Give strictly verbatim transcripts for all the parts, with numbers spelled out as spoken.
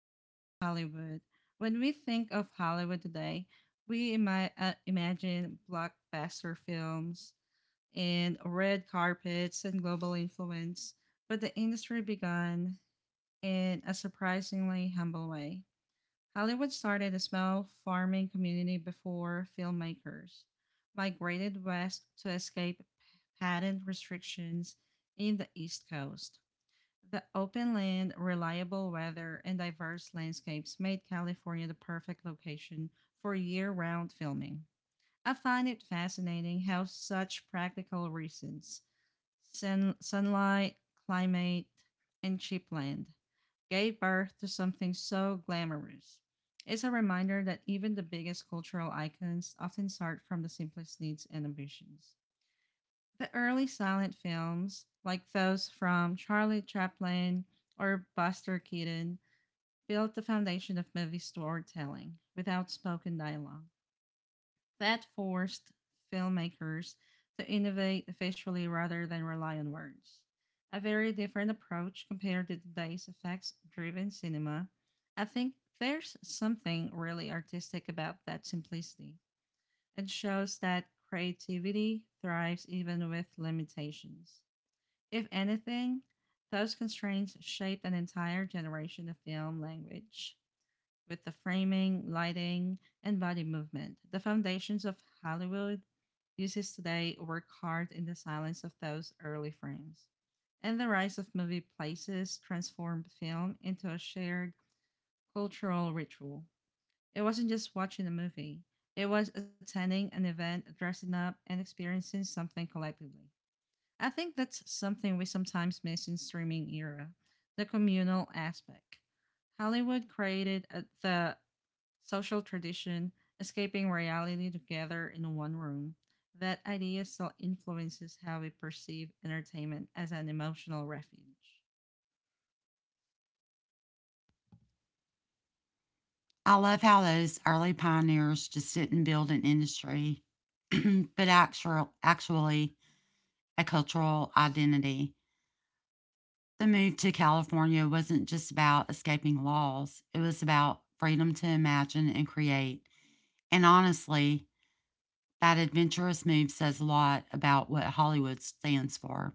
with Hollywood. When we think of Hollywood today, we ima- uh, imagine blockbuster films and red carpets and global influence, but the industry began in a surprisingly humble way. Hollywood started a small farming community before filmmakers migrated west to escape patent restrictions in the East Coast. The open land, reliable weather, and diverse landscapes made California the perfect location for year round filming. I find it fascinating how such practical reasons sun, sunlight, climate, and cheap land gave birth to something so glamorous. It's a reminder that even the biggest cultural icons often start from the simplest needs and ambitions. The early silent films, like those from Charlie Chaplin or Buster Keaton, built the foundation of movie storytelling with outspoken dialogue that forced filmmakers to innovate visually rather than rely on words. A very different approach compared to today's effects driven cinema. I think there's something really artistic about that simplicity. It shows that creativity thrives even with limitations. If anything, those constraints shaped an entire generation of film language with the framing, lighting, and body movement. The foundations of Hollywood uses today work hard in the silence of those early frames. And the rise of movie places transformed film into a shared cultural ritual. It wasn't just watching a movie, it was attending an event, dressing up, and experiencing something collectively. I think that's something we sometimes miss in streaming era, the communal aspect. Hollywood created a, the social tradition, escaping reality together in one room. That idea still influences how we perceive entertainment as an emotional refuge. I love how those early pioneers just didn't build an industry, but actual, actually a cultural identity. The move to California wasn't just about escaping laws, it was about freedom to imagine and create. And honestly, that adventurous move says a lot about what Hollywood stands for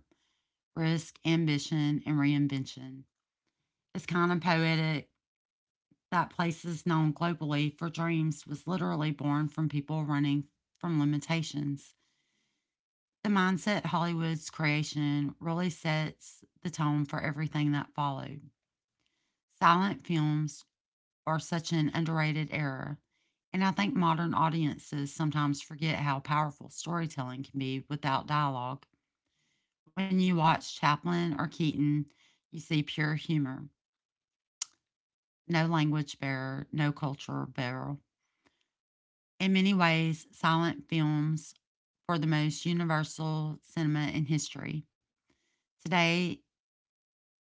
risk, ambition, and reinvention. It's kind of poetic that place is known globally for dreams was literally born from people running from limitations. The mindset Hollywood's creation really sets the tone for everything that followed. Silent films are such an underrated era, and I think modern audiences sometimes forget how powerful storytelling can be without dialogue. When you watch Chaplin or Keaton, you see pure humor, no language barrier, no cultural barrier. In many ways, silent films were the most universal cinema in history. Today,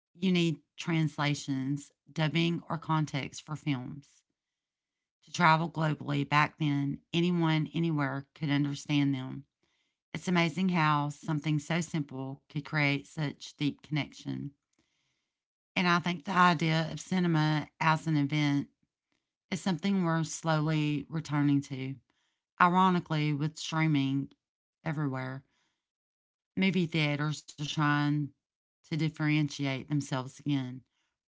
you need translations, dubbing, or context for films. To travel globally back then, anyone anywhere could understand them. It's amazing how something so simple could create such deep connection. And I think the idea of cinema as an event is something we're slowly returning to. Ironically, with streaming everywhere, movie theaters are trying to differentiate themselves again.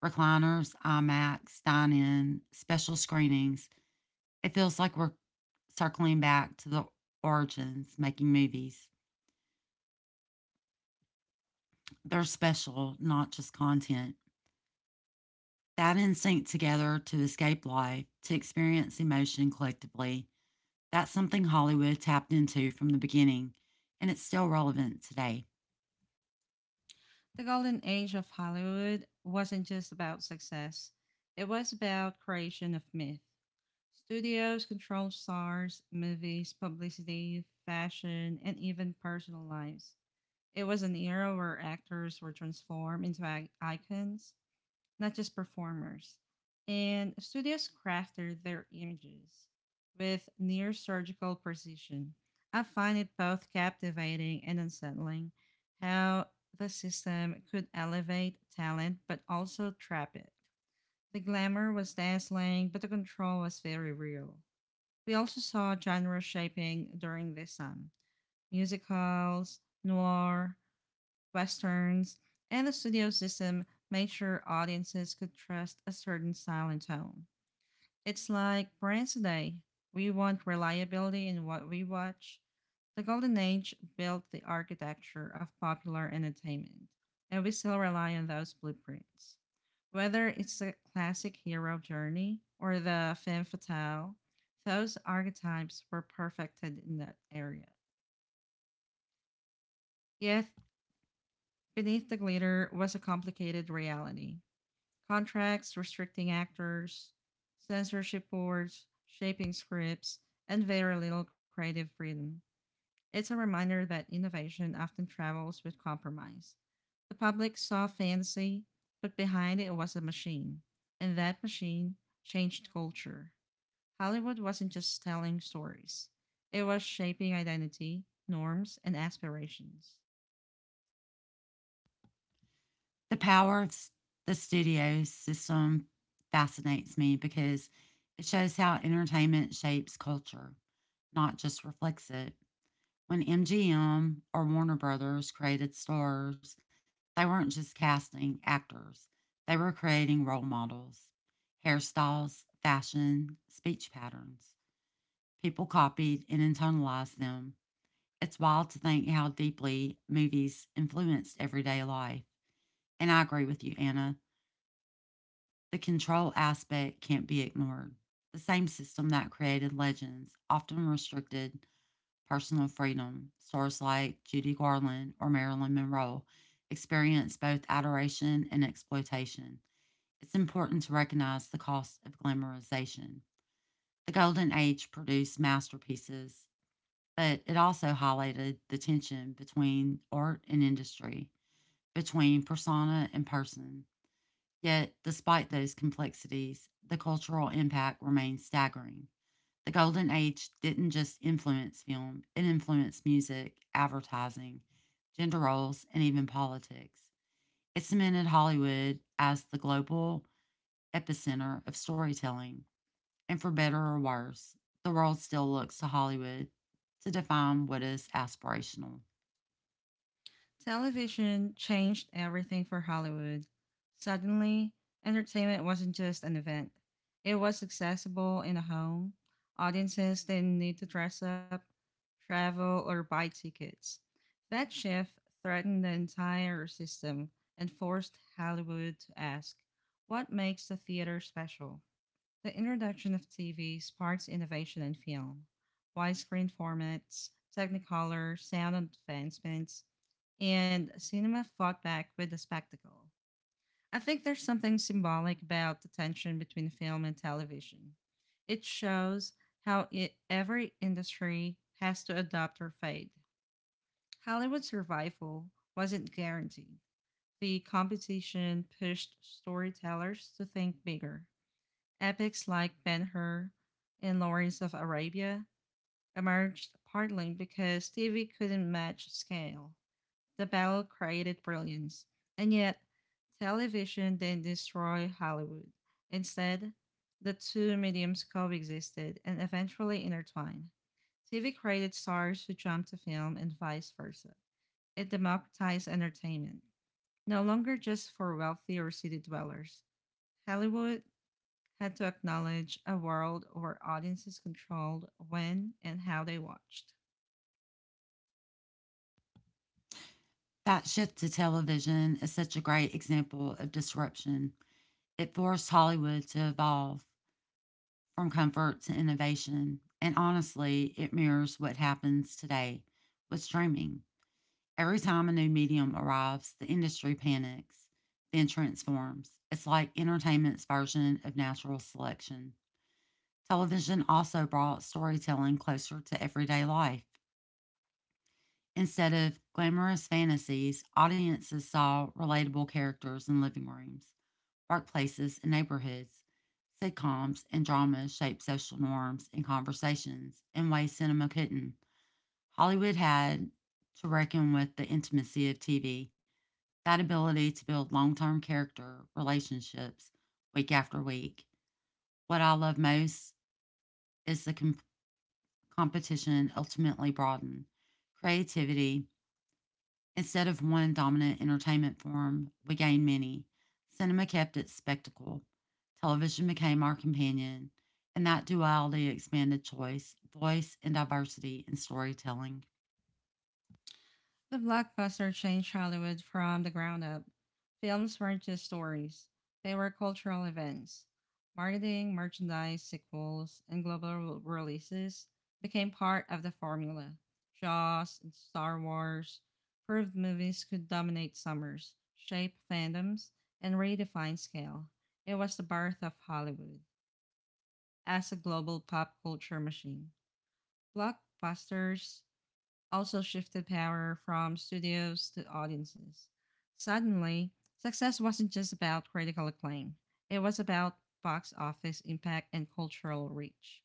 Recliners, IMAX, dine in, special screenings. It feels like we're circling back to the origins, making movies. They're special, not just content. That instinct together to escape life, to experience emotion collectively, that's something Hollywood tapped into from the beginning, and it's still relevant today. The golden age of Hollywood wasn't just about success, it was about creation of myth. Studios controlled stars, movies, publicity, fashion, and even personal lives. It was an era where actors were transformed into icons, not just performers. And studios crafted their images with near surgical precision. I find it both captivating and unsettling how the system could elevate talent but also trap it. The glamour was dazzling, but the control was very real. We also saw genre shaping during this time musicals, noir, westerns, and the studio system made sure audiences could trust a certain style and tone. It's like brands today. We want reliability in what we watch. The Golden Age built the architecture of popular entertainment, and we still rely on those blueprints. Whether it's the classic hero journey or the femme fatale, those archetypes were perfected in that area. Yet, beneath the glitter was a complicated reality. Contracts restricting actors, censorship boards, shaping scripts, and very little creative freedom. It's a reminder that innovation often travels with compromise. The public saw fantasy, but behind it was a machine, and that machine changed culture. Hollywood wasn't just telling stories, it was shaping identity, norms, and aspirations. The power of the studio system fascinates me because it shows how entertainment shapes culture, not just reflects it. When M G M or Warner Brothers created stars, they weren't just casting actors, they were creating role models, hairstyles, fashion, speech patterns. People copied and internalized them. It's wild to think how deeply movies influenced everyday life. And I agree with you, Anna. The control aspect can't be ignored. The same system that created legends often restricted personal freedom. Stars like Judy Garland or Marilyn Monroe experienced both adoration and exploitation. It's important to recognize the cost of glamorization. The Golden Age produced masterpieces, but it also highlighted the tension between art and industry, between persona and person. Yet, despite those complexities, the cultural impact remains staggering. The Golden Age didn't just influence film, it influenced music, advertising, gender roles, and even politics. It cemented Hollywood as the global epicenter of storytelling. And for better or worse, the world still looks to Hollywood to define what is aspirational. Television changed everything for Hollywood. Suddenly, entertainment wasn't just an event, it was accessible in the home. Audiences didn't need to dress up, travel, or buy tickets. That shift threatened the entire system and forced Hollywood to ask, what makes the theater special? The introduction of T V sparked innovation in film. Widescreen formats, Technicolor, sound advancements, and cinema fought back with the spectacle. I think there's something symbolic about the tension between film and television. It shows how I every industry has to adapt or fade. Hollywood's survival wasn't guaranteed. The competition pushed storytellers to think bigger. Epics like Ben Hur and Lawrence of Arabia emerged partly because T V couldn't match scale. The battle created brilliance, and yet television didn't destroy Hollywood. Instead, the two mediums coexisted and eventually intertwined. T V created stars who jumped to film and vice versa. It democratized entertainment, no longer just for wealthy or city dwellers. Hollywood had to acknowledge a world where audiences controlled when and how they watched. That shift to television is such a great example of disruption. It forced Hollywood to evolve, from comfort to innovation. And honestly, it mirrors what happens today with streaming. Every time a new medium arrives, the industry panics, then transforms. It's like entertainment's version of natural selection. Television also brought storytelling closer to everyday life. Instead of glamorous fantasies, audiences saw relatable characters in living rooms, workplaces and neighborhoods. Sitcoms and dramas shaped social norms and conversations in ways cinema couldn't. Hollywood had to reckon with the intimacy of T V, that ability to build long term character relationships week after week. What I love most is the com- competition ultimately broadened. Creativity instead of one dominant entertainment form, we gained many. Cinema kept its spectacle. Television became our companion, and that duality expanded choice, voice, and diversity in storytelling. The blockbuster changed Hollywood from the ground up. Films weren't just stories, they were cultural events. Marketing, merchandise, sequels, and global re- releases became part of the formula. Jaws and Star Wars proved movies could dominate summers, shape fandoms, and redefine scale. It was the birth of Hollywood as a global pop culture machine. Blockbusters also shifted power from studios to audiences. Suddenly, success wasn't just about critical acclaim, it was about box office impact and cultural reach.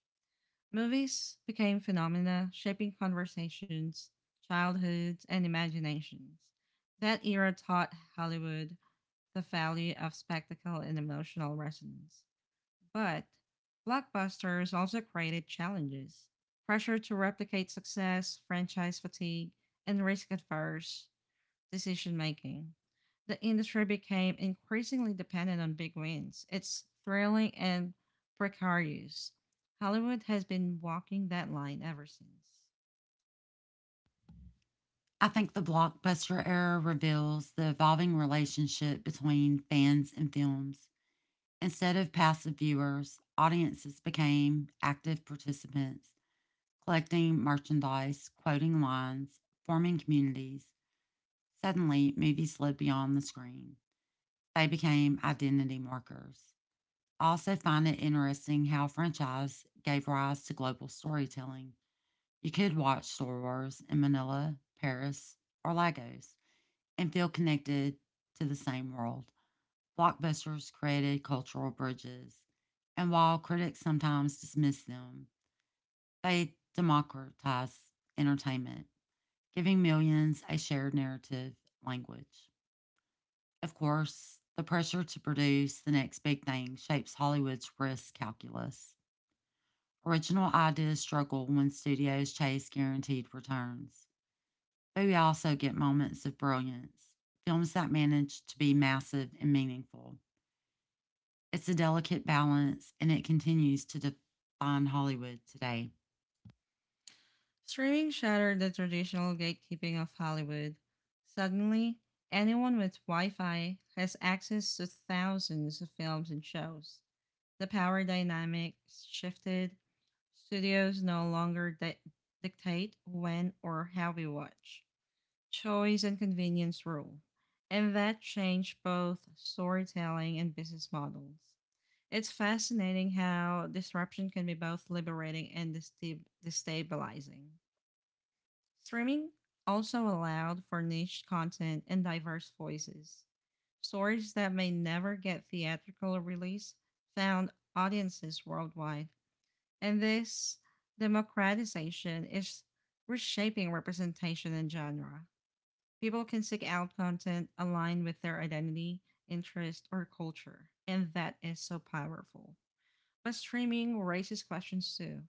Movies became phenomena shaping conversations, childhoods, and imaginations. That era taught Hollywood the value of spectacle and emotional resonance. But blockbusters also created challenges, pressure to replicate success, franchise fatigue, and risk averse decision making. The industry became increasingly dependent on big wins. It's thrilling and precarious. Hollywood has been walking that line ever since. I think the blockbuster era reveals the evolving relationship between fans and films. Instead of passive viewers, audiences became active participants, collecting merchandise, quoting lines, forming communities. Suddenly, movies slid beyond the screen. They became identity markers. I also find it interesting how franchise gave rise to global storytelling. You could watch Star Wars in Manila, Paris, or Lagos and feel connected to the same world. Blockbusters created cultural bridges, and while critics sometimes dismiss them, they democratize entertainment, giving millions a shared narrative language. Of course, the pressure to produce the next big thing shapes Hollywood's risk calculus. Original ideas struggle when studios chase guaranteed returns, but we also get moments of brilliance, films that manage to be massive and meaningful. It's a delicate balance, and it continues to define Hollywood today. Streaming shattered the traditional gatekeeping of Hollywood. Suddenly, anyone with Wi Fi has access to thousands of films and shows. The power dynamic shifted. Studios no longer di- dictate when or how we watch. Choice and convenience rule. And that changed both storytelling and business models. It's fascinating how disruption can be both liberating and destabilizing. Streaming also allowed for niche content and diverse voices. Stories that may never get theatrical release found audiences worldwide. And this democratization is reshaping representation and genre. People can seek out content aligned with their identity, interest, or culture. And that is so powerful. But streaming raises questions too.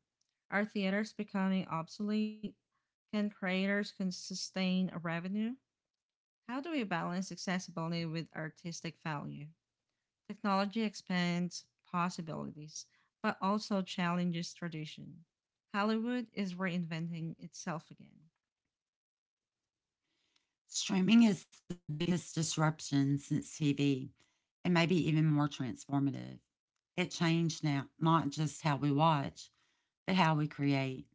Are theaters becoming obsolete? Can creators can sustain a revenue? How do we balance accessibility with artistic value? Technology expands possibilities, but also challenges tradition. Hollywood is reinventing itself again. Streaming is the biggest disruption since T V, and maybe even more transformative. It changed now, not just how we watch, but how we create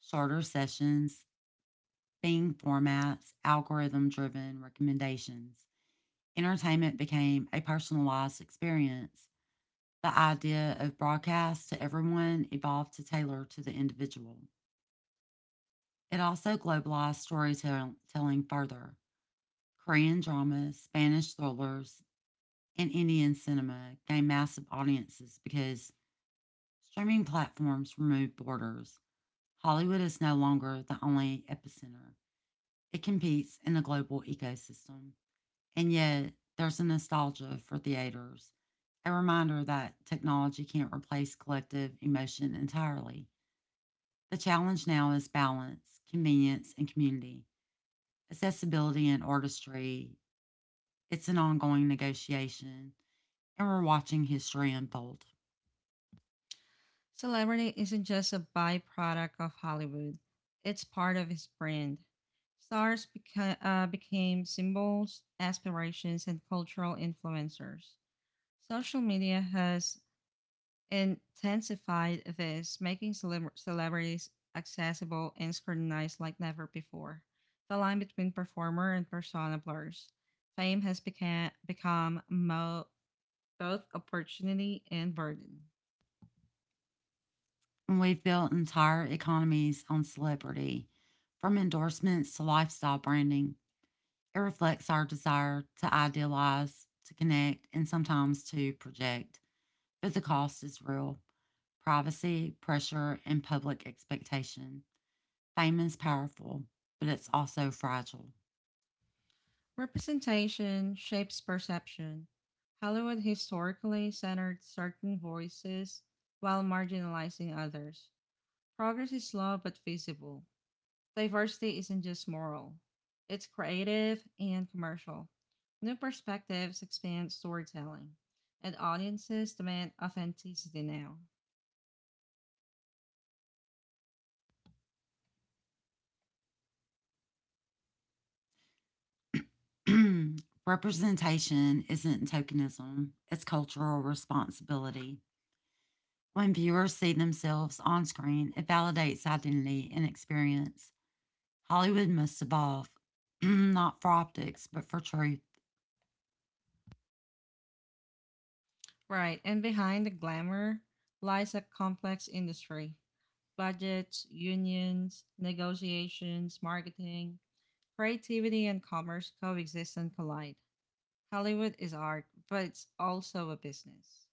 shorter sessions, theme formats, algorithm driven recommendations. Entertainment became a personalized experience. The idea of broadcast to everyone evolved to tailor to the individual. It also globalized storytelling further. Korean dramas, Spanish thrillers, and Indian cinema gained massive audiences because streaming platforms removed borders. Hollywood is no longer the only epicenter. It competes in a global ecosystem. And yet, there's a nostalgia for theaters, a reminder that technology can't replace collective emotion entirely. The challenge now is balance, convenience, and community, accessibility, and artistry. It's an ongoing negotiation, and we're watching history unfold. Celebrity isn't just a byproduct of Hollywood, it's part of his brand. Stars beca- uh, became symbols, aspirations, and cultural influencers. Social media has intensified this, making celebr- celebrities accessible and scrutinized like never before. The line between performer and persona blurs. Fame has beca- become mo- both opportunity and burden. And we've built entire economies on celebrity, from endorsements to lifestyle branding. It reflects our desire to idealize, to connect, and sometimes to project, but the cost is real. Privacy, pressure, and public expectation. Fame is powerful, but it's also fragile. Representation shapes perception. Hollywood historically centered certain voices while marginalizing others. Progress is slow but feasible. Diversity isn't just moral, it's creative and commercial. New perspectives expand storytelling, and audiences demand authenticity now. Representation isn't tokenism, it's cultural responsibility. When viewers see themselves on screen, it validates identity and experience. Hollywood must evolve, not for optics, but for truth. Right, and behind the glamour lies a complex industry, budgets, unions, negotiations, marketing. Creativity and commerce coexist and collide. Hollywood is art, but it's also a business.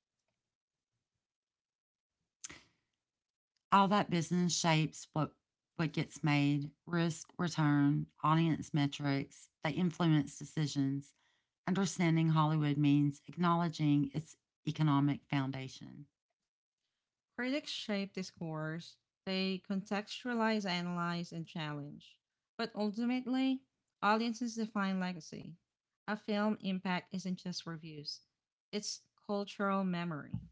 All that business shapes what what gets made, risk, return, audience metrics, they influence decisions. Understanding Hollywood means acknowledging its economic foundation. Critics shape discourse, they contextualize, analyze, and challenge. But ultimately, audiences define legacy. A film impact isn't just reviews, it's cultural memory.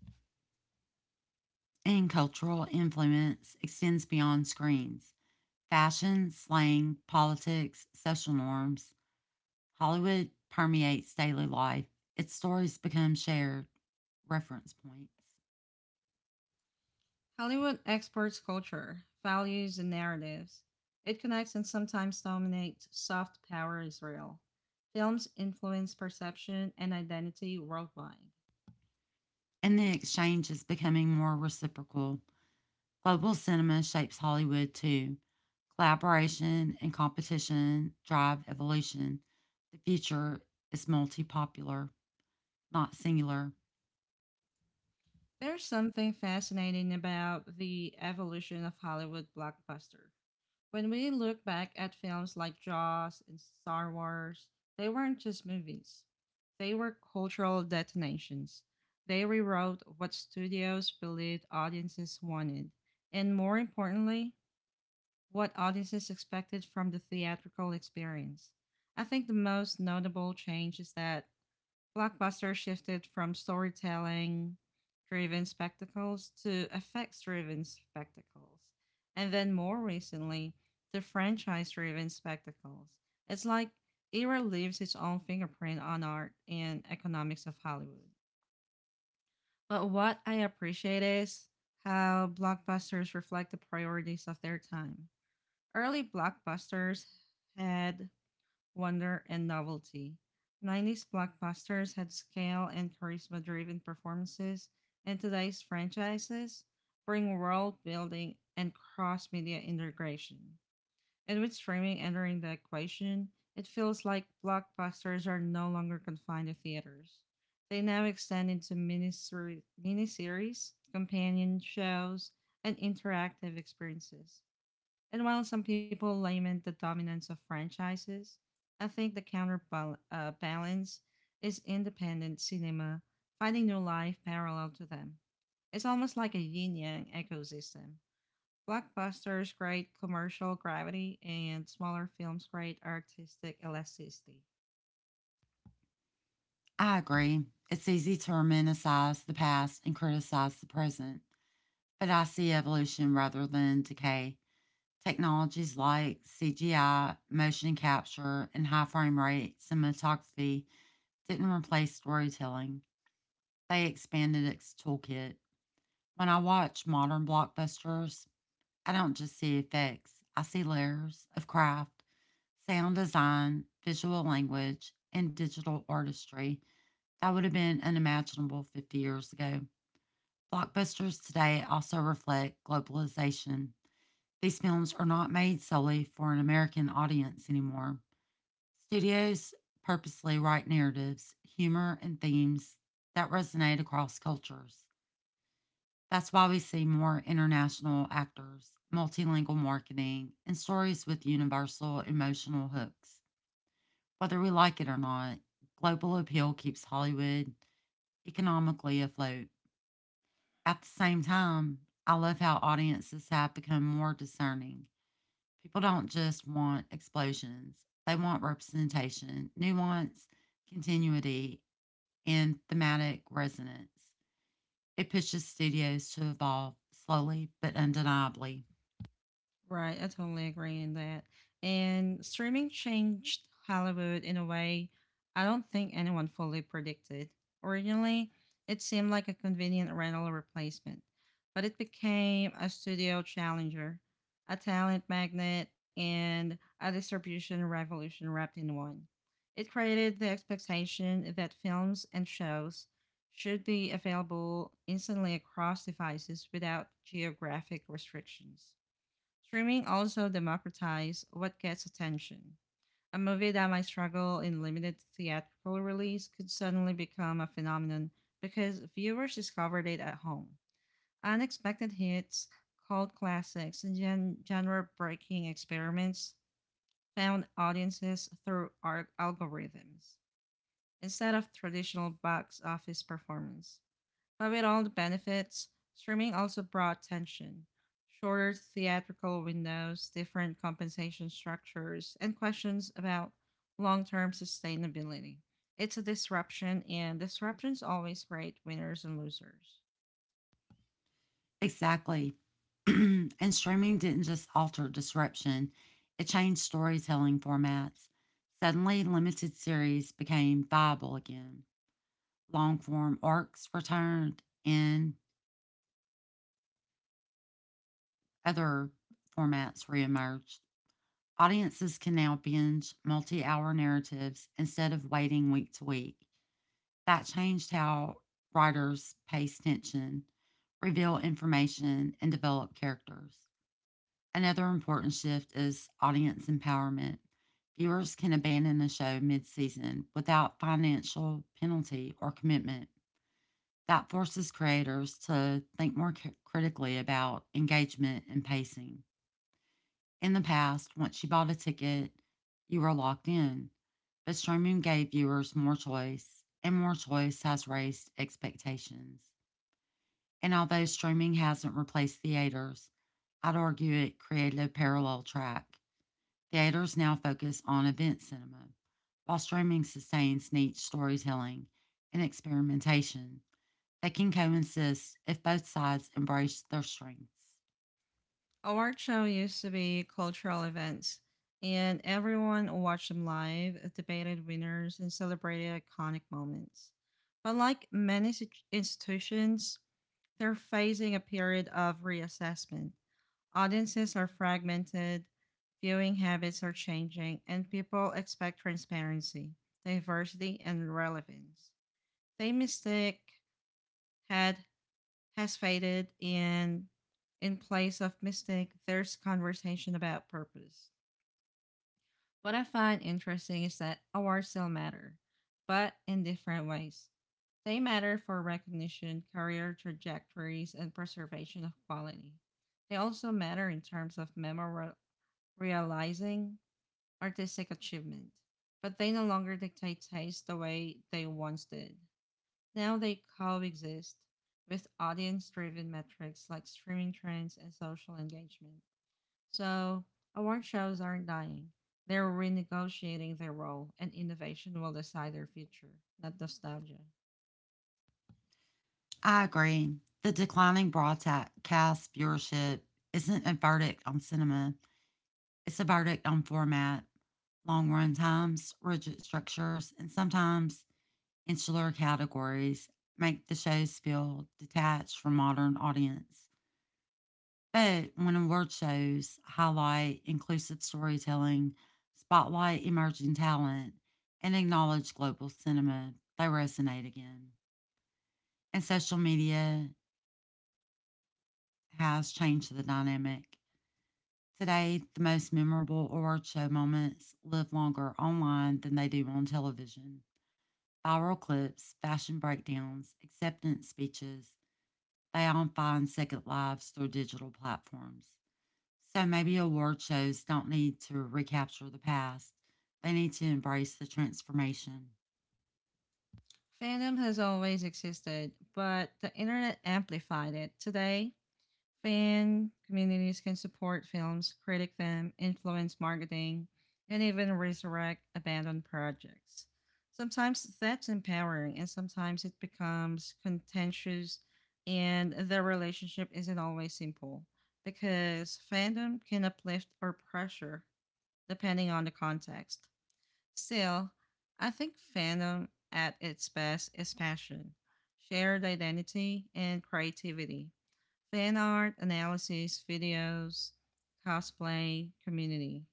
And cultural influence extends beyond screens. Fashion, slang, politics, social norms. Hollywood permeates daily life. Its stories become shared reference points. Hollywood exports culture, values, and narratives. It connects and sometimes dominates soft power Israel films influence perception and identity worldwide. And the exchange is becoming more reciprocal. Global cinema shapes Hollywood too. Collaboration and competition drive evolution. The future is multi popular, not singular. There's something fascinating about the evolution of Hollywood blockbuster. When we look back at films like Jaws and Star Wars, they weren't just movies. They were cultural detonations. They rewrote what studios believed audiences wanted, and more importantly, what audiences expected from the theatrical experience. I think the most notable change is that blockbuster shifted from storytelling driven spectacles to effects driven spectacles. And then more recently, to franchise driven spectacles. It's like era leaves its own fingerprint on art and economics of Hollywood. But what I appreciate is how blockbusters reflect the priorities of their time. Early blockbusters had wonder, and novelty. nineties blockbusters had scale and charisma driven performances, and today's franchises bring world building and cross media integration. And with streaming entering the equation, it feels like blockbusters are no longer confined to theaters. They now extend into miniseri- miniseries, companion shows, and interactive experiences. And while some people lament the dominance of franchises, I think the counterbalance uh, balance is independent cinema finding new life parallel to them. It's almost like a yin yang ecosystem. Blockbusters create commercial gravity, and smaller films create artistic elasticity. I agree. It's easy to romanticize the past and criticize the present, but I see evolution rather than decay. Technologies like C G I, motion capture, and high frame rate cinematography didn't replace storytelling, they expanded its toolkit. When I watch modern blockbusters, I don't just see effects, I see layers of craft, sound design, visual language, and digital artistry that would have been unimaginable fifty years ago. Blockbusters today also reflect globalization. These films are not made solely for an American audience anymore. Studios purposely write narratives, humor, and themes that resonate across cultures. That's why we see more international actors, multilingual marketing, and stories with universal emotional hooks. Whether we like it or not, global appeal keeps Hollywood economically afloat. At the same time, I love how audiences have become more discerning. People don't just want explosions, they want representation, nuance, continuity, and thematic resonance. It pushes studios to evolve slowly but undeniably. Right, I totally agree in that. And streaming changed Hollywood in a way I don't think anyone fully predicted. Originally, it seemed like a convenient rental replacement, but it became a studio challenger, a talent magnet, and a distribution revolution wrapped in one. It created the expectation that films and shows should be available instantly across devices without geographic restrictions. Streaming also democratized what gets attention. A movie that might struggle in limited theatrical release could suddenly become a phenomenon because viewers discovered it at home. Unexpected hits, cult classics, and gen- genre breaking experiments found audiences through ar- algorithms instead of traditional box office performance. But with all the benefits, streaming also brought tension. Shorter theatrical windows, different compensation structures, and questions about long term sustainability. It's a disruption, and disruptions always create winners and losers. Exactly. And streaming didn't just alter disruption, it changed storytelling formats. Suddenly, limited series became viable again. Long form arcs returned and other formats reemerged. Audiences can now binge multi hour narratives instead of waiting week to week. That changed how writers pace tension, reveal information, and develop characters. Another important shift is audience empowerment. Viewers can abandon a show mid season without financial penalty or commitment. That forces creators to think more critically about engagement and pacing. In the past, once you bought a ticket, you were locked in, but streaming gave viewers more choice, and more choice has raised expectations. And although streaming hasn't replaced theaters, I'd argue it created a parallel track. Theaters now focus on event cinema, while streaming sustains niche storytelling and experimentation. They can coexist if both sides embrace their strengths. Award show used to be cultural events, and everyone watched them live, debated winners, and celebrated iconic moments. But like many situ- institutions, they're facing a period of reassessment. Audiences are fragmented, viewing habits are changing, and people expect transparency, diversity, and relevance. The mystic had has faded, and in place of mystic, there's conversation about purpose. What I find interesting is that awards still matter, but in different ways. They matter for recognition, career trajectories, and preservation of quality. They also matter in terms of memora- realizing artistic achievement, but they no longer dictate taste the way they once did. Now they coexist with audience driven metrics like streaming trends and social engagement. So, Award shows aren't dying. They're renegotiating their role, and innovation will decide their future, not nostalgia. I agree. The declining broadcast viewership isn't a verdict on cinema, it's a verdict on format, long run times, rigid structures, and sometimes insular categories make the shows feel detached from modern audience. But when award shows highlight inclusive storytelling, spotlight emerging talent, and acknowledge global cinema, they resonate again. And social media has changed the dynamic. Today, the most memorable award show moments live longer online than they do on television. Viral clips, fashion breakdowns, acceptance speeches, they all find second lives through digital platforms. So maybe award shows don't need to recapture the past, they need to embrace the transformation. Fandom has always existed, but the internet amplified it. Today, fan communities can support films, critic them, influence marketing, and even resurrect abandoned projects. Sometimes that's empowering, and sometimes it becomes contentious, and the relationship isn't always simple because fandom can uplift or pressure depending on the context. Still, I think fandom at its best is passion, shared identity, and creativity, fan art, analysis, videos, cosplay, community.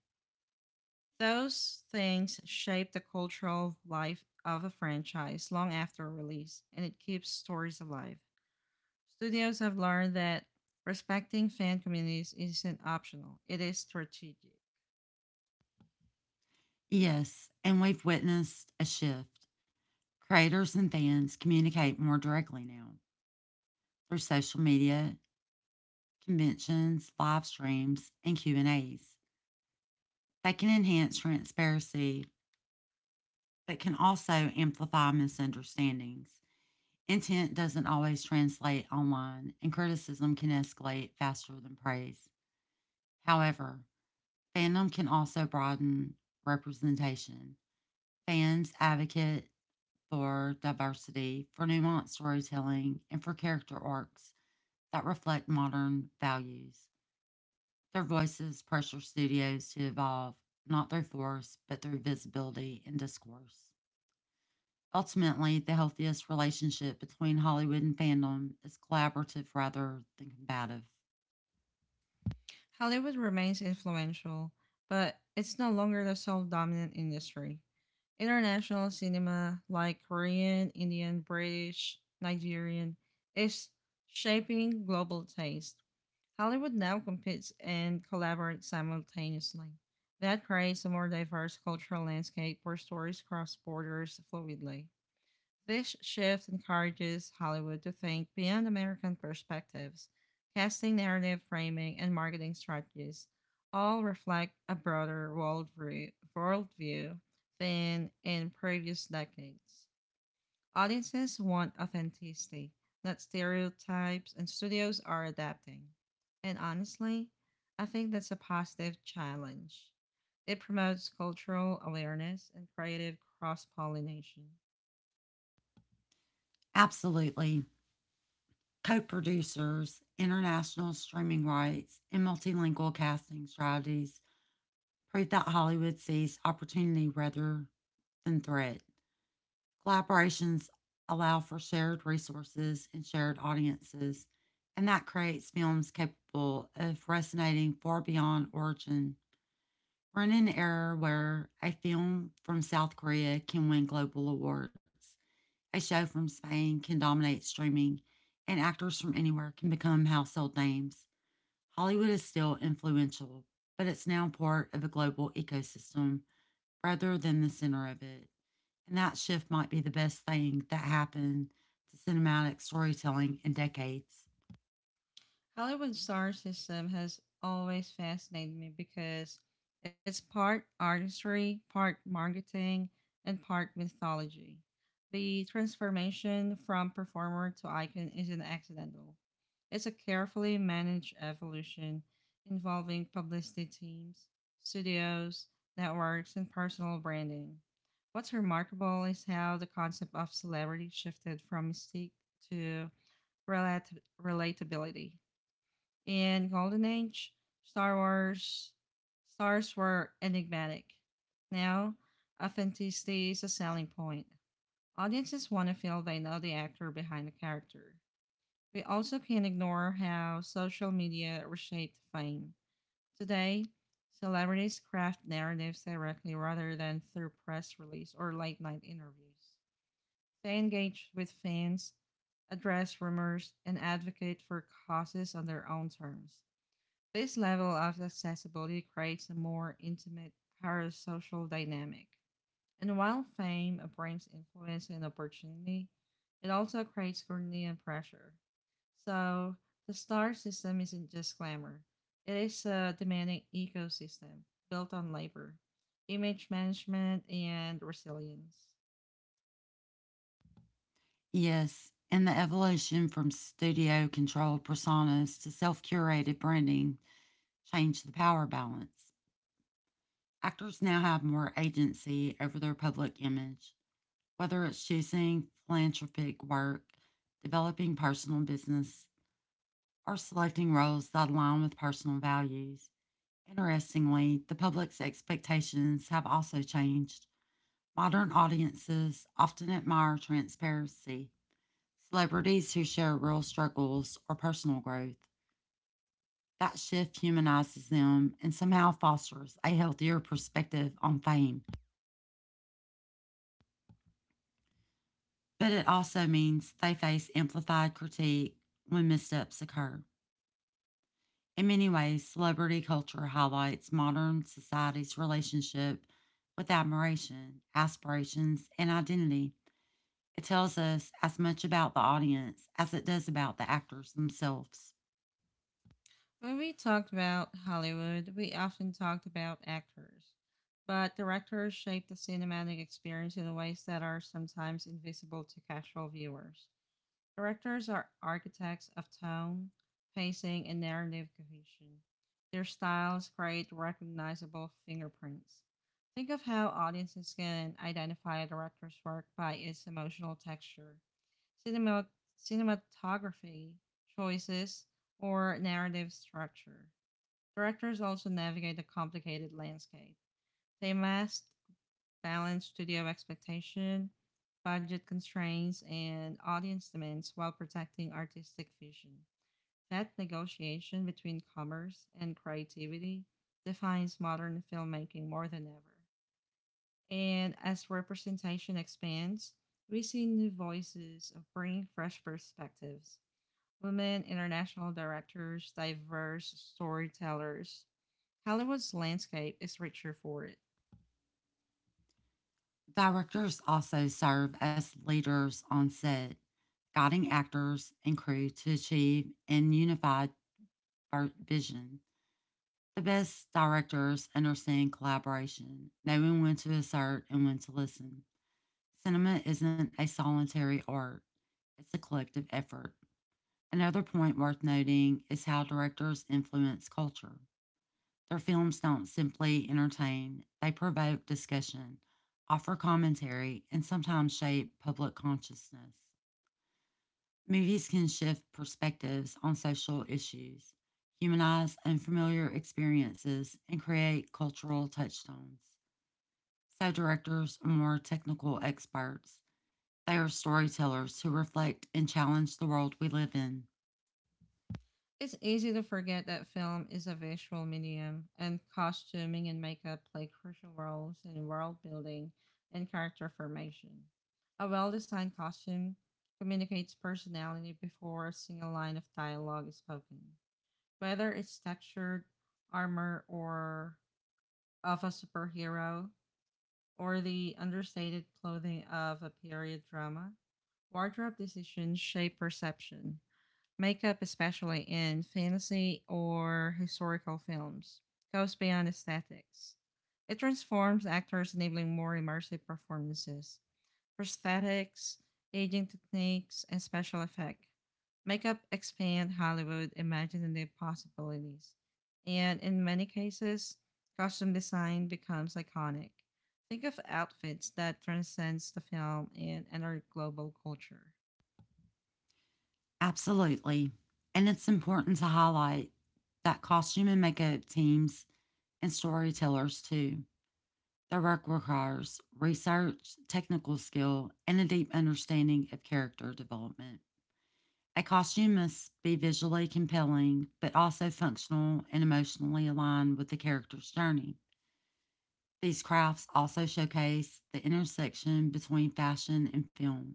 Those things shape the cultural life of a franchise long after release, and it keeps stories alive. Studios have learned that respecting fan communities isn't optional, it is strategic. Yes, and we've witnessed a shift. Creators and fans communicate more directly now through social media, conventions, live streams, and Q and As. They can enhance transparency but can also amplify misunderstandings. Intent doesn't always translate online, and criticism can escalate faster than praise. However, fandom can also broaden representation. Fans advocate for diversity, for nuanced storytelling, and for character arcs that reflect modern values. Their voices pressure studios to evolve, not through force, but through visibility and discourse. Ultimately, the healthiest relationship between Hollywood and fandom is collaborative rather than combative. Hollywood remains influential, but it's no longer the sole dominant industry. International cinema, like Korean, Indian, British, Nigerian, is shaping global taste. Hollywood now competes and collaborates simultaneously. That creates a more diverse cultural landscape where stories cross borders fluidly. This shift encourages Hollywood to think beyond American perspectives, casting narrative framing and marketing strategies all reflect a broader worldview, worldview than in previous decades. Audiences want authenticity, not stereotypes, and studios are adapting. And honestly, I think that's a positive challenge. It promotes cultural awareness and creative cross pollination. Absolutely co producers, international streaming rights, and multilingual casting strategies prove that Hollywood sees opportunity rather than threat. Collaborations allow for shared resources and shared audiences, and that creates films capable of resonating far beyond origin. We're in an era where a film from South Korea can win global awards, a show from Spain can dominate streaming, and actors from anywhere can become household names. Hollywood is still influential, but it's now part of a global ecosystem rather than the center of it. And that shift might be the best thing that happened to cinematic storytelling in decades. Hollywood's star system has always fascinated me because it's part artistry, part marketing, and part mythology. The transformation from performer to icon isn't accidental. It's a carefully managed evolution involving publicity teams, studios, networks, and personal branding. What's remarkable is how the concept of celebrity shifted from mystique to relat- relatability. In Golden Age, Star Wars stars were enigmatic. Now, authenticity is a selling point. Audiences want to feel they know the actor behind the character. We also can't ignore how social media reshaped fame. Today, celebrities craft narratives directly rather than through press release or late night interviews. They engage with fans, address rumors, and advocate for causes on their own terms. This level of accessibility creates a more intimate parasocial dynamic. And while fame brings influence and opportunity, it also creates scrutiny and pressure. So the star system isn't just glamour, it is a demanding ecosystem built on labor, image management, and resilience. Yes, and the evolution from studio controlled personas to self curated branding changed the power balance. Actors now have more agency over their public image, whether it's choosing philanthropic work, developing personal business, or selecting roles that align with personal values. Interestingly, the public's expectations have also changed. Modern audiences often admire transparency, celebrities who share real struggles or personal growth. That shift humanizes them and somehow fosters a healthier perspective on fame. But it also means they face amplified critique when missteps occur. In many ways, celebrity culture highlights modern society's relationship with admiration, aspirations, and identity. It tells us as much about the audience as it does about the actors themselves. When we talked about Hollywood, we often talked about actors, but directors shape the cinematic experience in ways that are sometimes invisible to casual viewers. Directors are architects of tone, pacing, and narrative cohesion. Their styles create recognizable fingerprints. Think of how audiences can identify a director's work by its emotional texture, cinema, cinematography choices, or narrative structure. Directors also navigate a complicated landscape. They must balance studio expectation, budget constraints, and audience demands while protecting artistic vision. That negotiation between commerce and creativity defines modern filmmaking more than ever. And as representation expands, we see new voices of bringing fresh perspectives, women international directors diverse storytellers, Hollywood's landscape is richer for it. Directors also serve as leaders on set, guiding actors and crew to achieve an unified vision. The best directors understand collaboration, knowing when to assert and when to listen. Cinema isn't a solitary art, it's a collective effort. Another point worth noting is how directors influence culture. Their films don't simply entertain, they provoke discussion, offer commentary, and sometimes shape public consciousness. Movies can shift perspectives on social issues, humanize unfamiliar experiences, and create cultural touchstones. So, directors are more technical experts. They are storytellers who reflect and challenge the world we live in. It's easy to forget that film is a visual medium, and costuming and makeup play crucial roles in world building and character formation. A well designed costume communicates personality before a single line of dialogue is spoken. Whether it's textured armor or of a superhero, or the understated clothing of a period drama, wardrobe decisions shape perception. Makeup, especially in fantasy or historical films, goes beyond aesthetics. It transforms actors, enabling more immersive performances. Prosthetics, aging techniques, and special effects makeup expand Hollywood imaginative possibilities. And in many cases, costume design becomes iconic. Think of outfits that transcends the film and enter global culture. Absolutely. And it's important to highlight that costume and makeup teams and storytellers, too. Their work requires research, technical skill, and a deep understanding of character development. A costume must be visually compelling, but also functional and emotionally aligned with the character's journey. These crafts also showcase the intersection between fashion and film.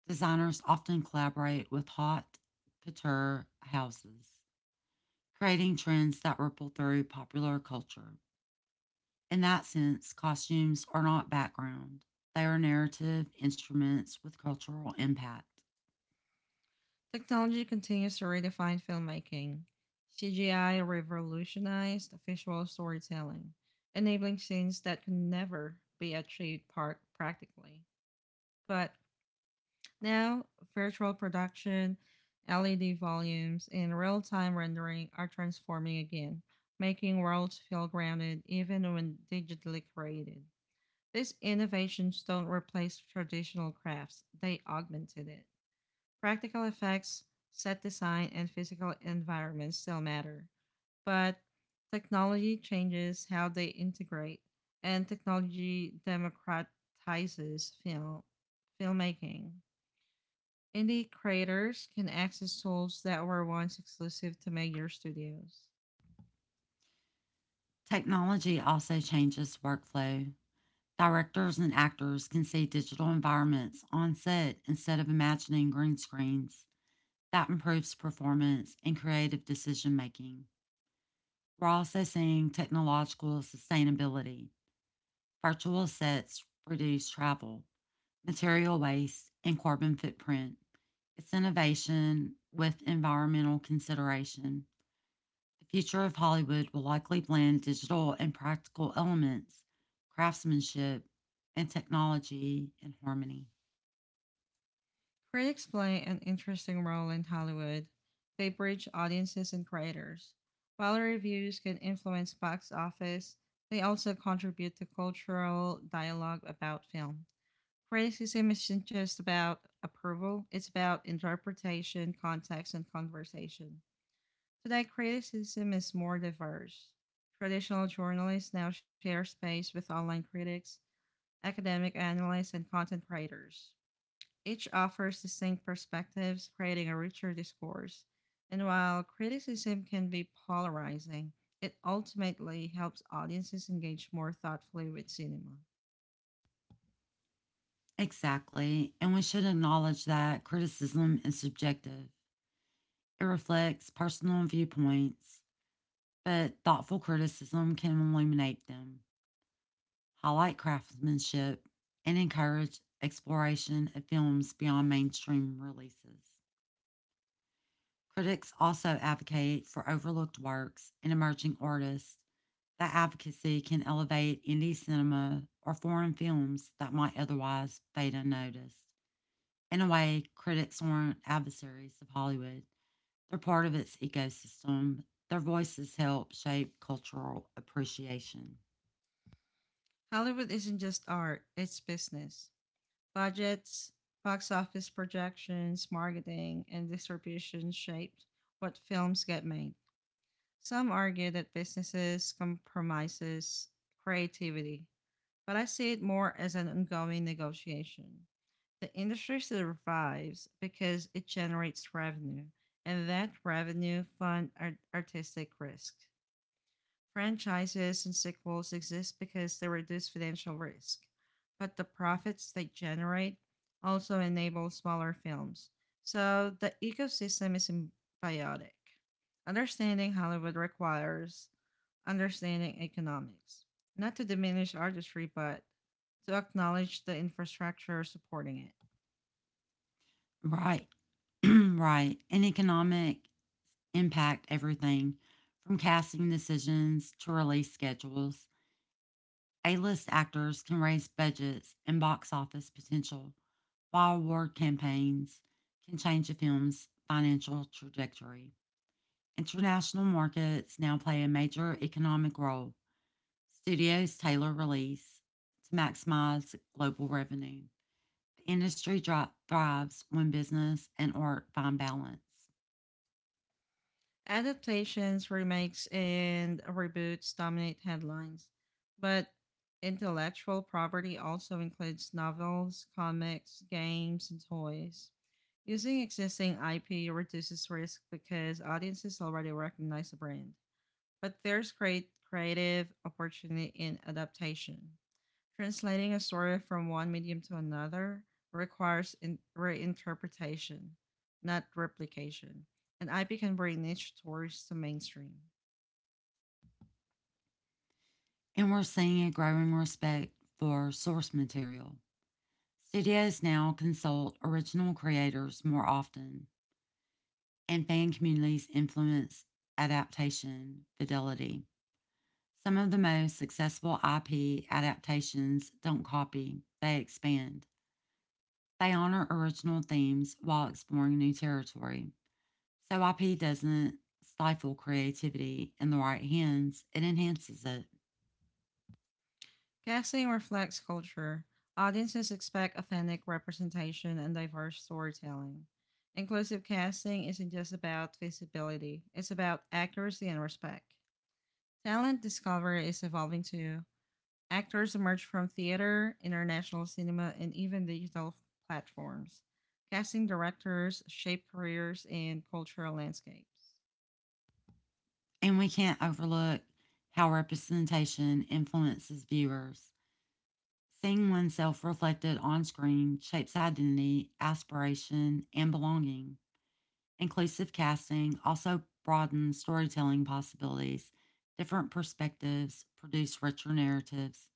Designers often collaborate with haute couture houses, creating trends that ripple through popular culture. In that sense, costumes are not background, they are narrative instruments with cultural impact. Technology continues to redefine filmmaking. C G I revolutionized visual storytelling, enabling scenes that could never be achieved par- practically. But now, virtual production, L E D volumes, and real time rendering are transforming again, making worlds feel grounded even when digitally created. These innovations don't replace traditional crafts, they augmented it. Practical effects, set design, and physical environments still matter, but technology changes how they integrate, and technology democratizes film filmmaking. Indie creators can access tools that were once exclusive to major studios. Technology also changes workflow. Directors and actors can see digital environments on set instead of imagining green screens. That improves performance and creative decision making. We're also seeing technological sustainability. Virtual sets reduce travel, material waste, and carbon footprint. It's innovation with environmental consideration. The future of Hollywood will likely blend digital and practical elements, craftsmanship, and technology in harmony. Critics play an interesting role in Hollywood. They bridge audiences and creators. While reviews can influence box office, they also contribute to cultural dialogue about film. Criticism isn't just about approval, it's about interpretation, context, and conversation. Today, criticism is more diverse. Traditional journalists now share space with online critics, academic analysts, and content creators. Each offers distinct perspectives, creating a richer discourse. And while criticism can be polarizing, it ultimately helps audiences engage more thoughtfully with cinema. Exactly. And we should acknowledge that criticism is subjective. It reflects personal viewpoints, but thoughtful criticism can illuminate them, highlight craftsmanship, and encourage exploration of films beyond mainstream releases. Critics also advocate for overlooked works and emerging artists. That advocacy can elevate indie cinema or foreign films that might otherwise fade unnoticed. In a way, critics aren't adversaries of Hollywood, they're part of its ecosystem. Their voices help shape cultural appreciation. Hollywood isn't just art, it's business. Budgets, box office projections, marketing, and distribution shaped what films get made. Some argue that businesses compromises creativity, but I see it more as an ongoing negotiation. The industry survives because it generates revenue, and that revenue fund art- artistic risk. Franchises and sequels exist because they reduce financial risk, but the profits they generate also enable smaller films. So the ecosystem is symbiotic. Understanding Hollywood requires understanding economics, not to diminish artistry, but to acknowledge the infrastructure supporting it. Right, right. And economic impact everything from casting decisions to release schedules. A list actors can raise budgets and box office potential, while award campaigns can change a film's financial trajectory. International markets now play a major economic role. Studios tailor release to maximize global revenue. The industry thrives when business and art find balance. Adaptations, remakes, and reboots dominate headlines, but intellectual property also includes novels, comics, games, and toys. Using existing I P reduces risk because audiences already recognize a brand, but there's great creative opportunity in adaptation. Translating a story from one medium to another requires in- reinterpretation, not replication, and I P can bring niche stories to mainstream. And we're seeing a growing respect for source material. Studios now consult original creators more often, and fan communities influence adaptation fidelity. Some of the most successful I P adaptations don't copy, they expand. They honor original themes while exploring new territory. So I P doesn't stifle creativity in the right hands, it enhances it. Casting reflects culture. Audiences expect authentic representation and diverse storytelling. Inclusive casting isn't just about visibility, it's about accuracy and respect. Talent discovery is evolving too, actors emerged from theater, international cinema, and even digital platforms. Casting directors shaped careers and cultural landscapes. And we can't overlook how representation influences viewers. Seeing oneself reflected on screen shapes identity, aspiration, and belonging. Inclusive casting also broadens storytelling possibilities. Different perspectives produce richer narratives.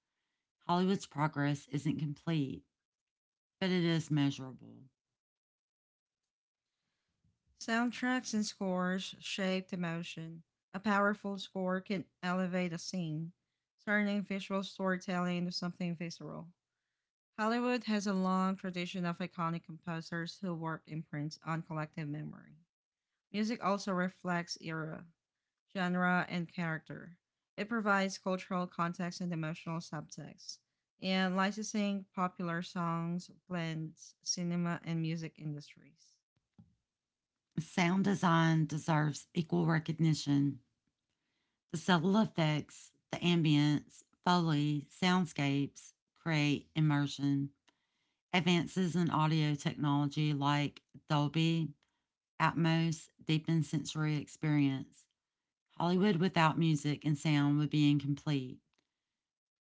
Hollywood's progress isn't complete, but it is measurable. Soundtracks and scores shaped emotion. A powerful score can elevate a scene, turning visual storytelling into something visceral. Hollywood has a long tradition of iconic composers who work imprints on collective memory. Music also reflects era, genre, and character. It provides cultural context and emotional subtext. And licensing popular songs blends cinema and music industries. Sound design deserves equal recognition. The subtle effects, the ambience, foley, soundscapes create immersion. Advances in audio technology like Dolby Atmos deepen sensory experience. Hollywood without music and sound would be incomplete.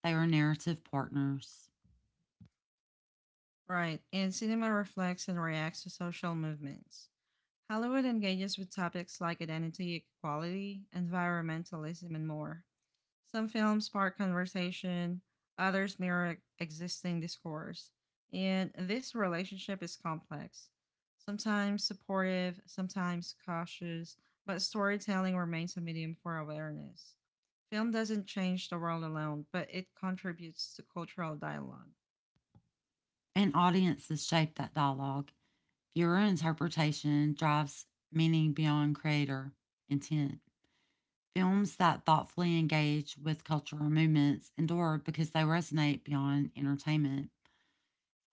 They are narrative partners, Right, and cinema reflects and reacts to social movements. Hollywood engages with topics like identity, equality, environmentalism, and more. Some films spark conversation, others mirror existing discourse. And this relationship is complex, sometimes supportive, sometimes cautious, but storytelling remains a medium for awareness. Film doesn't change the world alone, but it contributes to cultural dialogue. and audiences shape that dialogue. Viewer interpretation drives meaning beyond creator intent. Films that thoughtfully engage with cultural movements endure because they resonate beyond entertainment.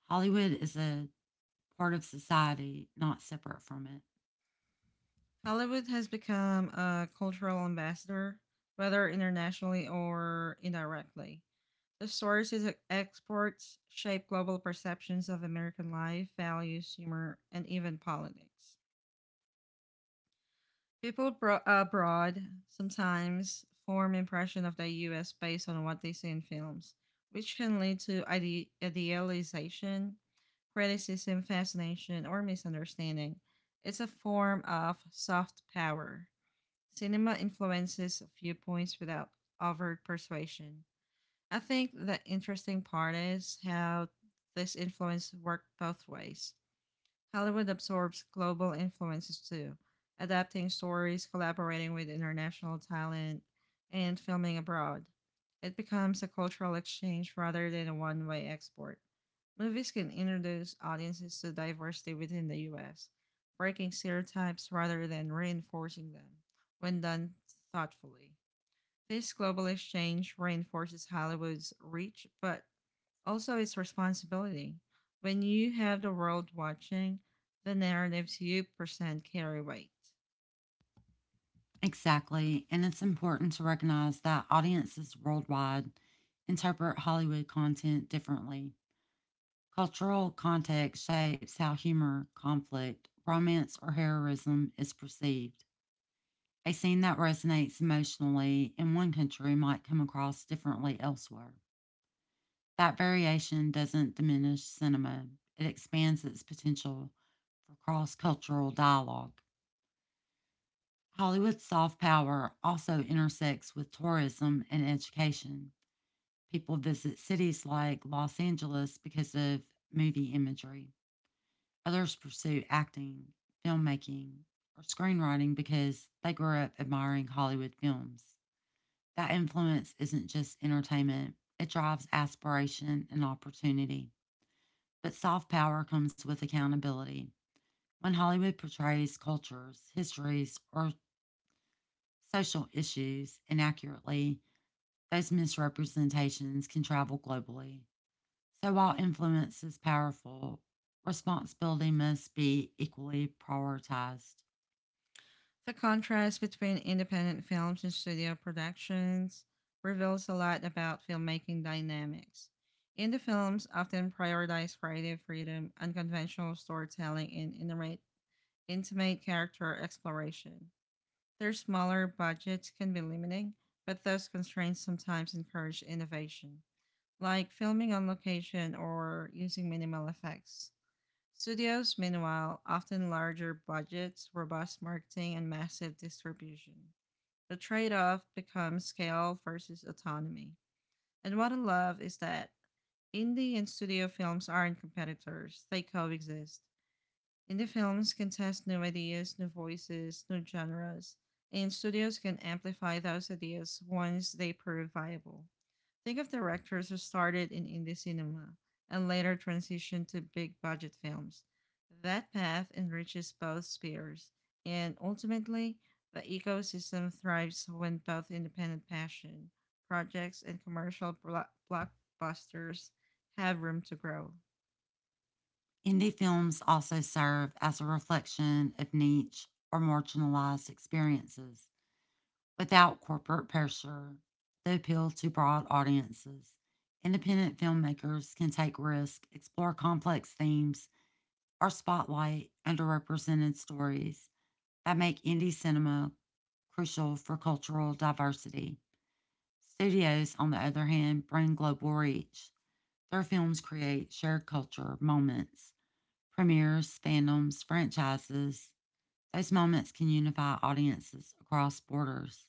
Hollywood is a part of society, not separate from it. Hollywood has become a cultural ambassador, whether internationally or indirectly. The stories it exports shape global perceptions of American life, values, humor, and even politics. People bro- uh, abroad sometimes form impression of the U S based on what they see in films, which can lead to ide- idealization, criticism, fascination, or misunderstanding. It's a form of soft power. Cinema influences viewpoints without overt persuasion. I think the interesting part is how this influence worked both ways. Hollywood absorbs global influences too, adapting stories, collaborating with international talent, and filming abroad. It becomes a cultural exchange rather than a one way export. Movies can introduce audiences to diversity within the U S, breaking stereotypes rather than reinforcing them when done thoughtfully. This global exchange reinforces Hollywood's reach but also, it's responsibility. When you have the world watching, the narratives you present carry weight. Exactly. And it's important to recognize that audiences worldwide interpret Hollywood content differently. Cultural context shapes how humor, conflict, romance, or heroism is perceived. A scene that resonates emotionally in one country might come across differently elsewhere. That variation doesn't diminish cinema, it expands its potential for cross cultural dialogue. Hollywood's soft power also intersects with tourism and education. People visit cities like Los Angeles because of movie imagery. Others pursue acting, filmmaking, or screenwriting because they grew up admiring Hollywood films. That influence isn't just entertainment, it drives aspiration and opportunity. But soft power comes with accountability. When Hollywood portrays cultures, histories, or social issues inaccurately, those misrepresentations can travel globally. So while influence is powerful, responsibility must be equally prioritized. The contrast between independent films and studio productions reveals a lot about filmmaking dynamics. Indie films often prioritize creative freedom, unconventional storytelling, and intimate, character exploration. Their smaller budgets can be limiting, but those constraints sometimes encourage innovation, like filming on location or using minimal effects. Studios, meanwhile, often larger budgets, robust marketing, and massive distribution. The trade off becomes scale versus autonomy. And what I love is that indie and studio films aren't competitors, they coexist. Indie films can test new ideas, new voices, new genres, and studios can amplify those ideas once they prove viable. Think of directors who started in indie cinema and later transitioned to big budget films. That path enriches both spheres, and ultimately, the ecosystem thrives when both independent passion projects and commercial blockbusters have room to grow. Indie films also serve as a reflection of niche or marginalized experiences. Without corporate pressure, they appeal to broad audiences. Independent filmmakers can take risks, explore complex themes, or spotlight underrepresented stories. That make indie cinema crucial for cultural diversity. Studios, on the other hand, bring global reach. Their films create shared culture moments, premieres, fandoms, franchises. Those moments can unify audiences across borders.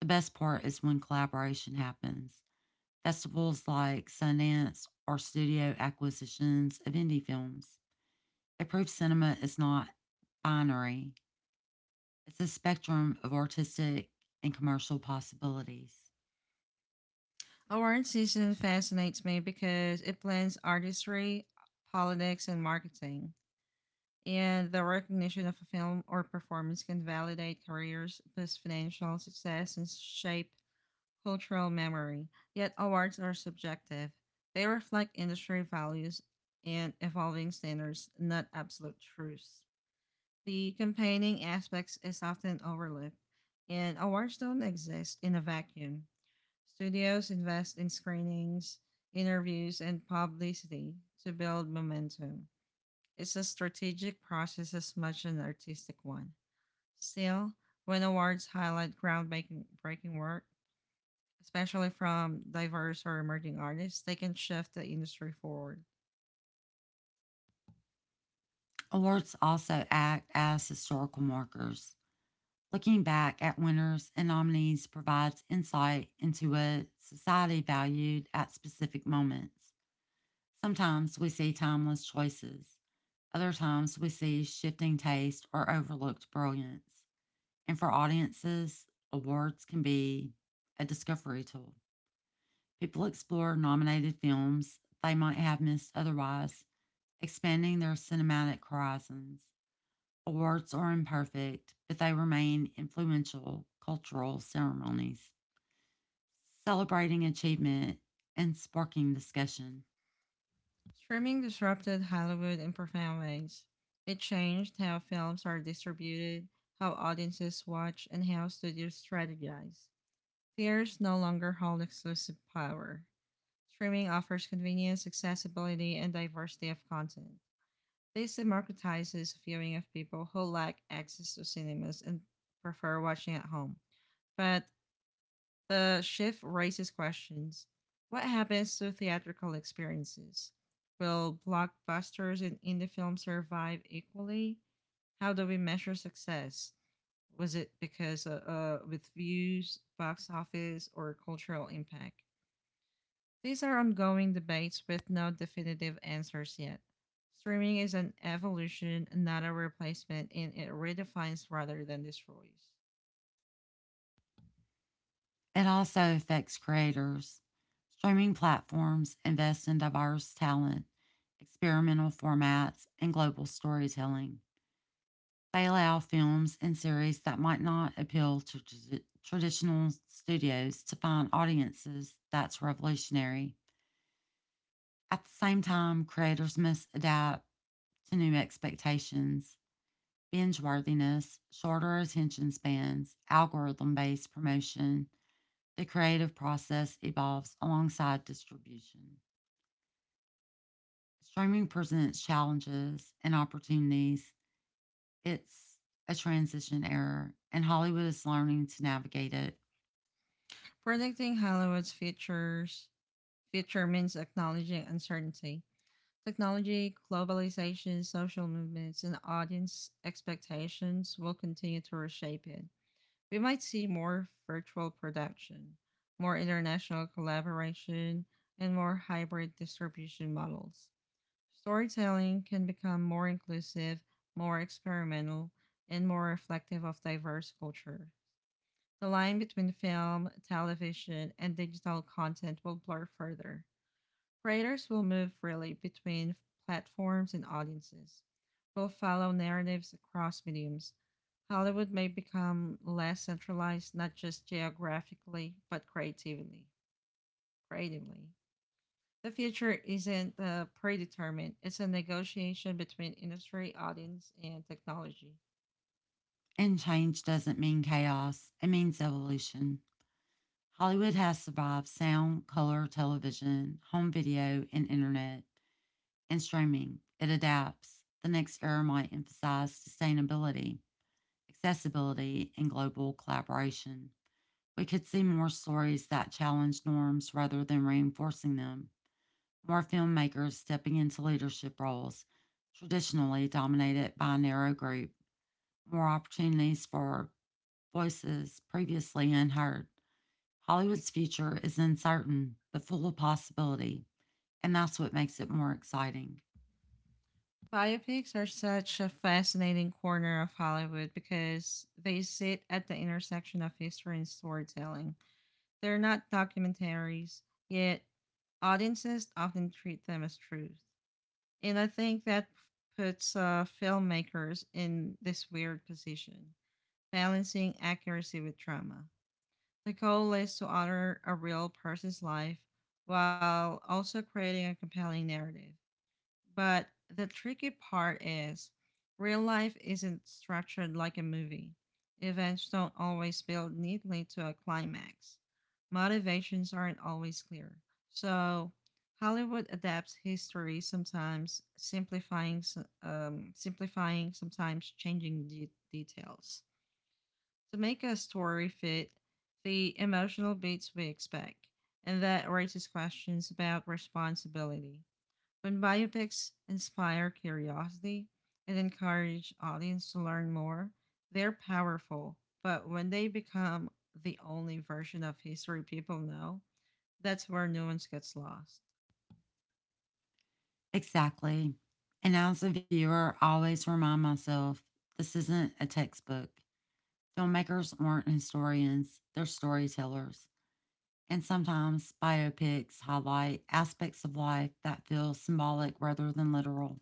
The best part is when collaboration happens. Festivals like Sundance or studio acquisitions of indie films. They prove cinema is not binary, it's a spectrum of artistic and commercial possibilities. Award season fascinates me because it blends artistry, politics, and marketing, and the recognition of a film or performance can validate careers, boost financial success, and shape cultural memory. Yet awards are subjective. They reflect industry values and evolving standards, not absolute truths. The campaigning aspects is often overlooked, and awards don't exist in a vacuum. Studios invest in screenings, interviews, and publicity to build momentum. It's a strategic process as much as an artistic one. Still, when awards highlight groundbreaking breaking work, especially from diverse or emerging artists, they can shift the industry forward. Awards also act as historical markers. Looking back at winners and nominees provides insight into what society valued at specific moments. Sometimes we see timeless choices, other times we see shifting taste or overlooked brilliance. And for audiences, awards can be a discovery tool. People explore nominated films they might have missed otherwise, expanding their cinematic horizons. Awards are imperfect, but they remain influential cultural ceremonies, celebrating achievement and sparking discussion. Streaming disrupted Hollywood in profound ways. It changed how films are distributed, how audiences watch, and how studios strategize. Theaters no longer hold exclusive power. Streaming offers convenience, accessibility, and diversity of content. This democratizes viewing of people who lack access to cinemas and prefer watching at home. But the shift raises questions. What happens to theatrical experiences? Will blockbusters and indie films survive equally? How do we measure success? Was it because uh, uh, with views, box office, or cultural impact? These are ongoing debates with no definitive answers yet. Streaming is an evolution, not a replacement, and it redefines rather than destroys. It also affects creators. Streaming platforms invest in diverse talent, experimental formats, and global storytelling. They allow films and series that might not appeal to traditional studios to find audiences. That's revolutionary. At the same time, creators must adapt to new expectations, binge worthiness, shorter attention spans, algorithm based promotion. The creative process evolves alongside distribution. Streaming presents challenges and opportunities. It's a transition era, and Hollywood is learning to navigate it. Predicting Hollywood's futures future means acknowledging uncertainty. Technology, globalization, social movements, and audience expectations will continue to reshape it. We might see more virtual production, more international collaboration, and more hybrid distribution models. Storytelling can become more inclusive, more experimental, and more reflective of diverse culture. The line between film, television, and digital content will blur further. Creators will move freely between platforms and audiences, will follow narratives across mediums. Hollywood may become less centralized, not just geographically, but creatively. Creatively. The future isn't uh, predetermined, it's a negotiation between industry, audience, and technology. And change doesn't mean chaos, it means evolution. Hollywood has survived sound, color, television, home video, and internet, and streaming. It adapts. The next era might emphasize sustainability, accessibility, and global collaboration. We could see more stories that challenge norms rather than reinforcing them, more filmmakers stepping into leadership roles traditionally dominated by a narrow group, more opportunities for voices previously unheard. Hollywood's future is uncertain but full of possibility, and that's what makes it more exciting. Biopics are such a fascinating corner of Hollywood because they sit at the intersection of history and storytelling. They're not documentaries, yet audiences often treat them as truth. And I think that puts uh, filmmakers in this weird position, balancing accuracy with drama. The goal is to honor a real person's life while also creating a compelling narrative. But the tricky part is real life isn't structured like a movie. Events don't always build neatly to a climax. Motivations aren't always clear. So, Hollywood adapts history, sometimes simplifying s- um, simplifying, sometimes changing de- details to make a story fit the emotional beats we expect. And that raises questions about responsibility. When biopics inspire curiosity and encourage audience to learn more, they're powerful. But when they become the only version of history people know, that's where nuance gets lost. Exactly. And as a viewer, I always remind myself this isn't a textbook. Filmmakers aren't historians, they're storytellers. And sometimes biopics highlight aspects of life that feel symbolic rather than literal,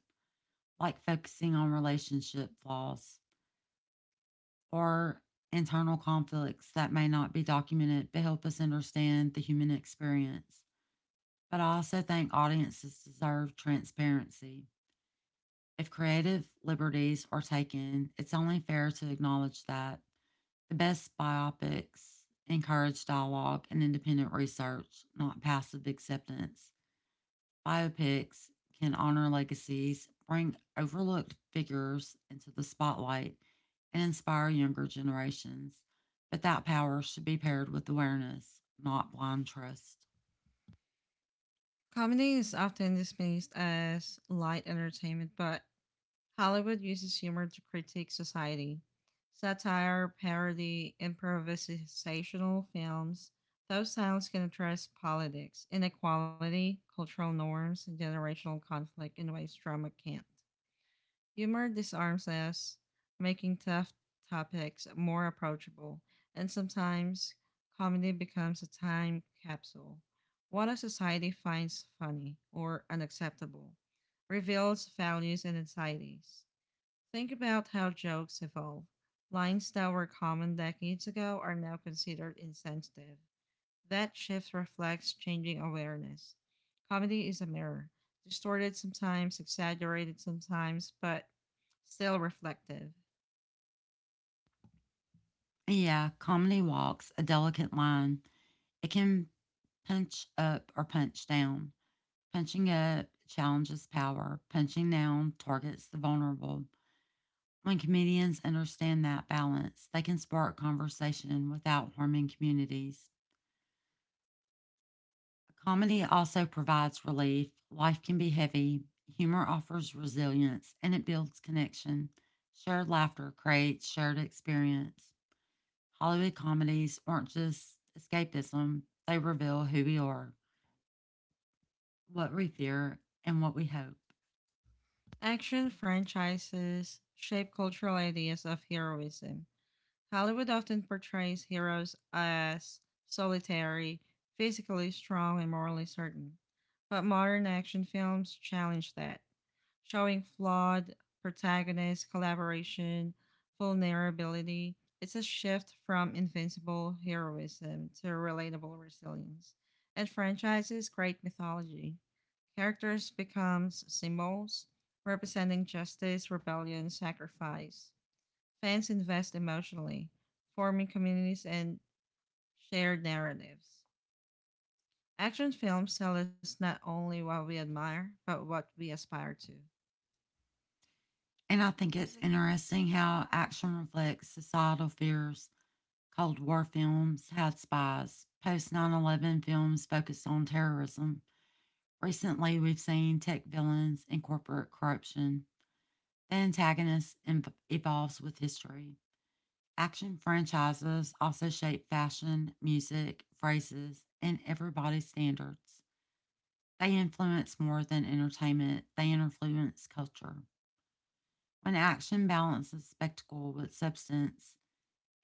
like focusing on relationship flaws or internal conflicts that may not be documented but help us understand the human experience. But I also think audiences deserve transparency. If creative liberties are taken, it's only fair to acknowledge that. The best biopics encourage dialogue and independent research, not passive acceptance. Biopics can honor legacies, bring overlooked figures into the spotlight, and inspire younger generations. But that power should be paired with awareness, not blind trust. Comedy is often dismissed as light entertainment, but Hollywood uses humor to critique society. Satire, parody, improvisational films, those styles can address politics, inequality, cultural norms, and generational conflict in ways drama can't. Humor disarms us, making tough topics more approachable, and sometimes comedy becomes a time capsule. What a society finds funny or unacceptable reveals values and anxieties. Think about how jokes evolve. Lines that were common decades ago are now considered insensitive. That shift reflects changing awareness. Comedy is a mirror, distorted sometimes, exaggerated sometimes, but still reflective. Yeah, comedy walks a delicate line. It can punch up or punch down. Punching up challenges power, punching down targets the vulnerable. When comedians understand that balance, they can spark conversation without harming communities. Comedy also provides relief. Life can be heavy. Humor offers resilience and it builds connection. Shared laughter creates shared experience. Hollywood comedies aren't just escapism, they reveal who we are, what we fear, and what we hope. Action franchises shape cultural ideas of heroism. Hollywood often portrays heroes as solitary, physically strong, and morally certain. But modern action films challenge that, showing flawed protagonist collaboration, vulnerability. It's a shift from invincible heroism to relatable resilience. And franchises create mythology. Characters become symbols representing justice, rebellion, sacrifice. Fans invest emotionally, forming communities and shared narratives. Action films tell us not only what we admire, but what we aspire to. And I think it's interesting how action reflects societal fears. Cold War films had spies, post nine eleven films focused on terrorism. Recently, we've seen tech villains and corporate corruption. The antagonist inv- evolves with history. Action franchises also shape fashion, music, phrases, and everybody's standards. They influence more than entertainment, they influence culture. When action balances spectacle with substance,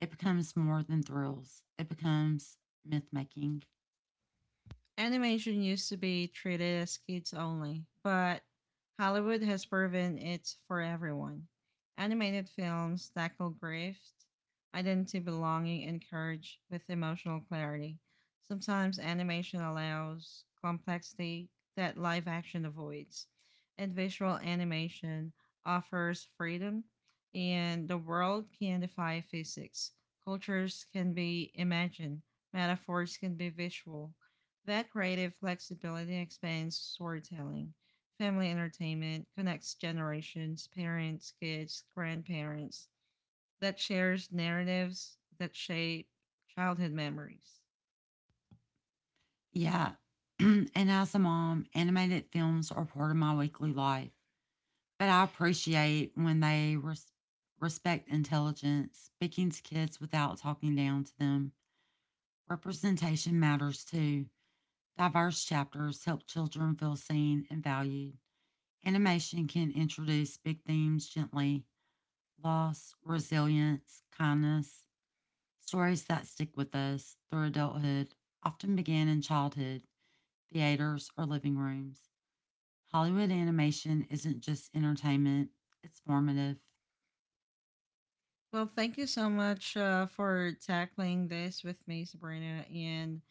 it becomes more than thrills, it becomes myth making. Animation used to be treated as kids only, but Hollywood has proven it's for everyone. Animated films tackle grief, identity, belonging, and courage with emotional clarity. Sometimes animation allows complexity that live action avoids, and visual animation offers freedom, and the world can defy physics. Cultures can be imagined, metaphors can be visual, that creative flexibility expands storytelling. Family entertainment connects generations, parents, kids, grandparents, that shares narratives that shape childhood memories. Yeah. And as a mom, animated films are part of my weekly life, but I appreciate when they res- respect intelligence, speaking to kids without talking down to them. Representation matters too. Diverse chapters help children feel seen and valued. Animation can introduce big themes gently, loss, resilience, kindness. Stories that stick with us through adulthood often began in childhood, theaters, or living rooms. Hollywood animation isn't just entertainment, it's formative. Well, thank you so much uh, for tackling this with me, Sabrina. And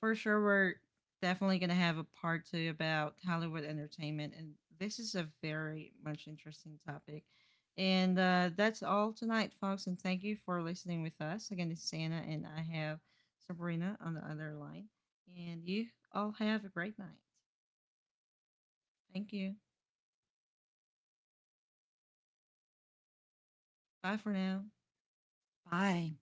for sure, we're definitely going to have a part two about Hollywood entertainment. And this is a very much interesting topic. And uh, that's all tonight, folks. And thank you for listening with us. Again, this is Anna, and I have Sabrina on the other line. And you all have a great night. Thank you. Bye for now. Bye.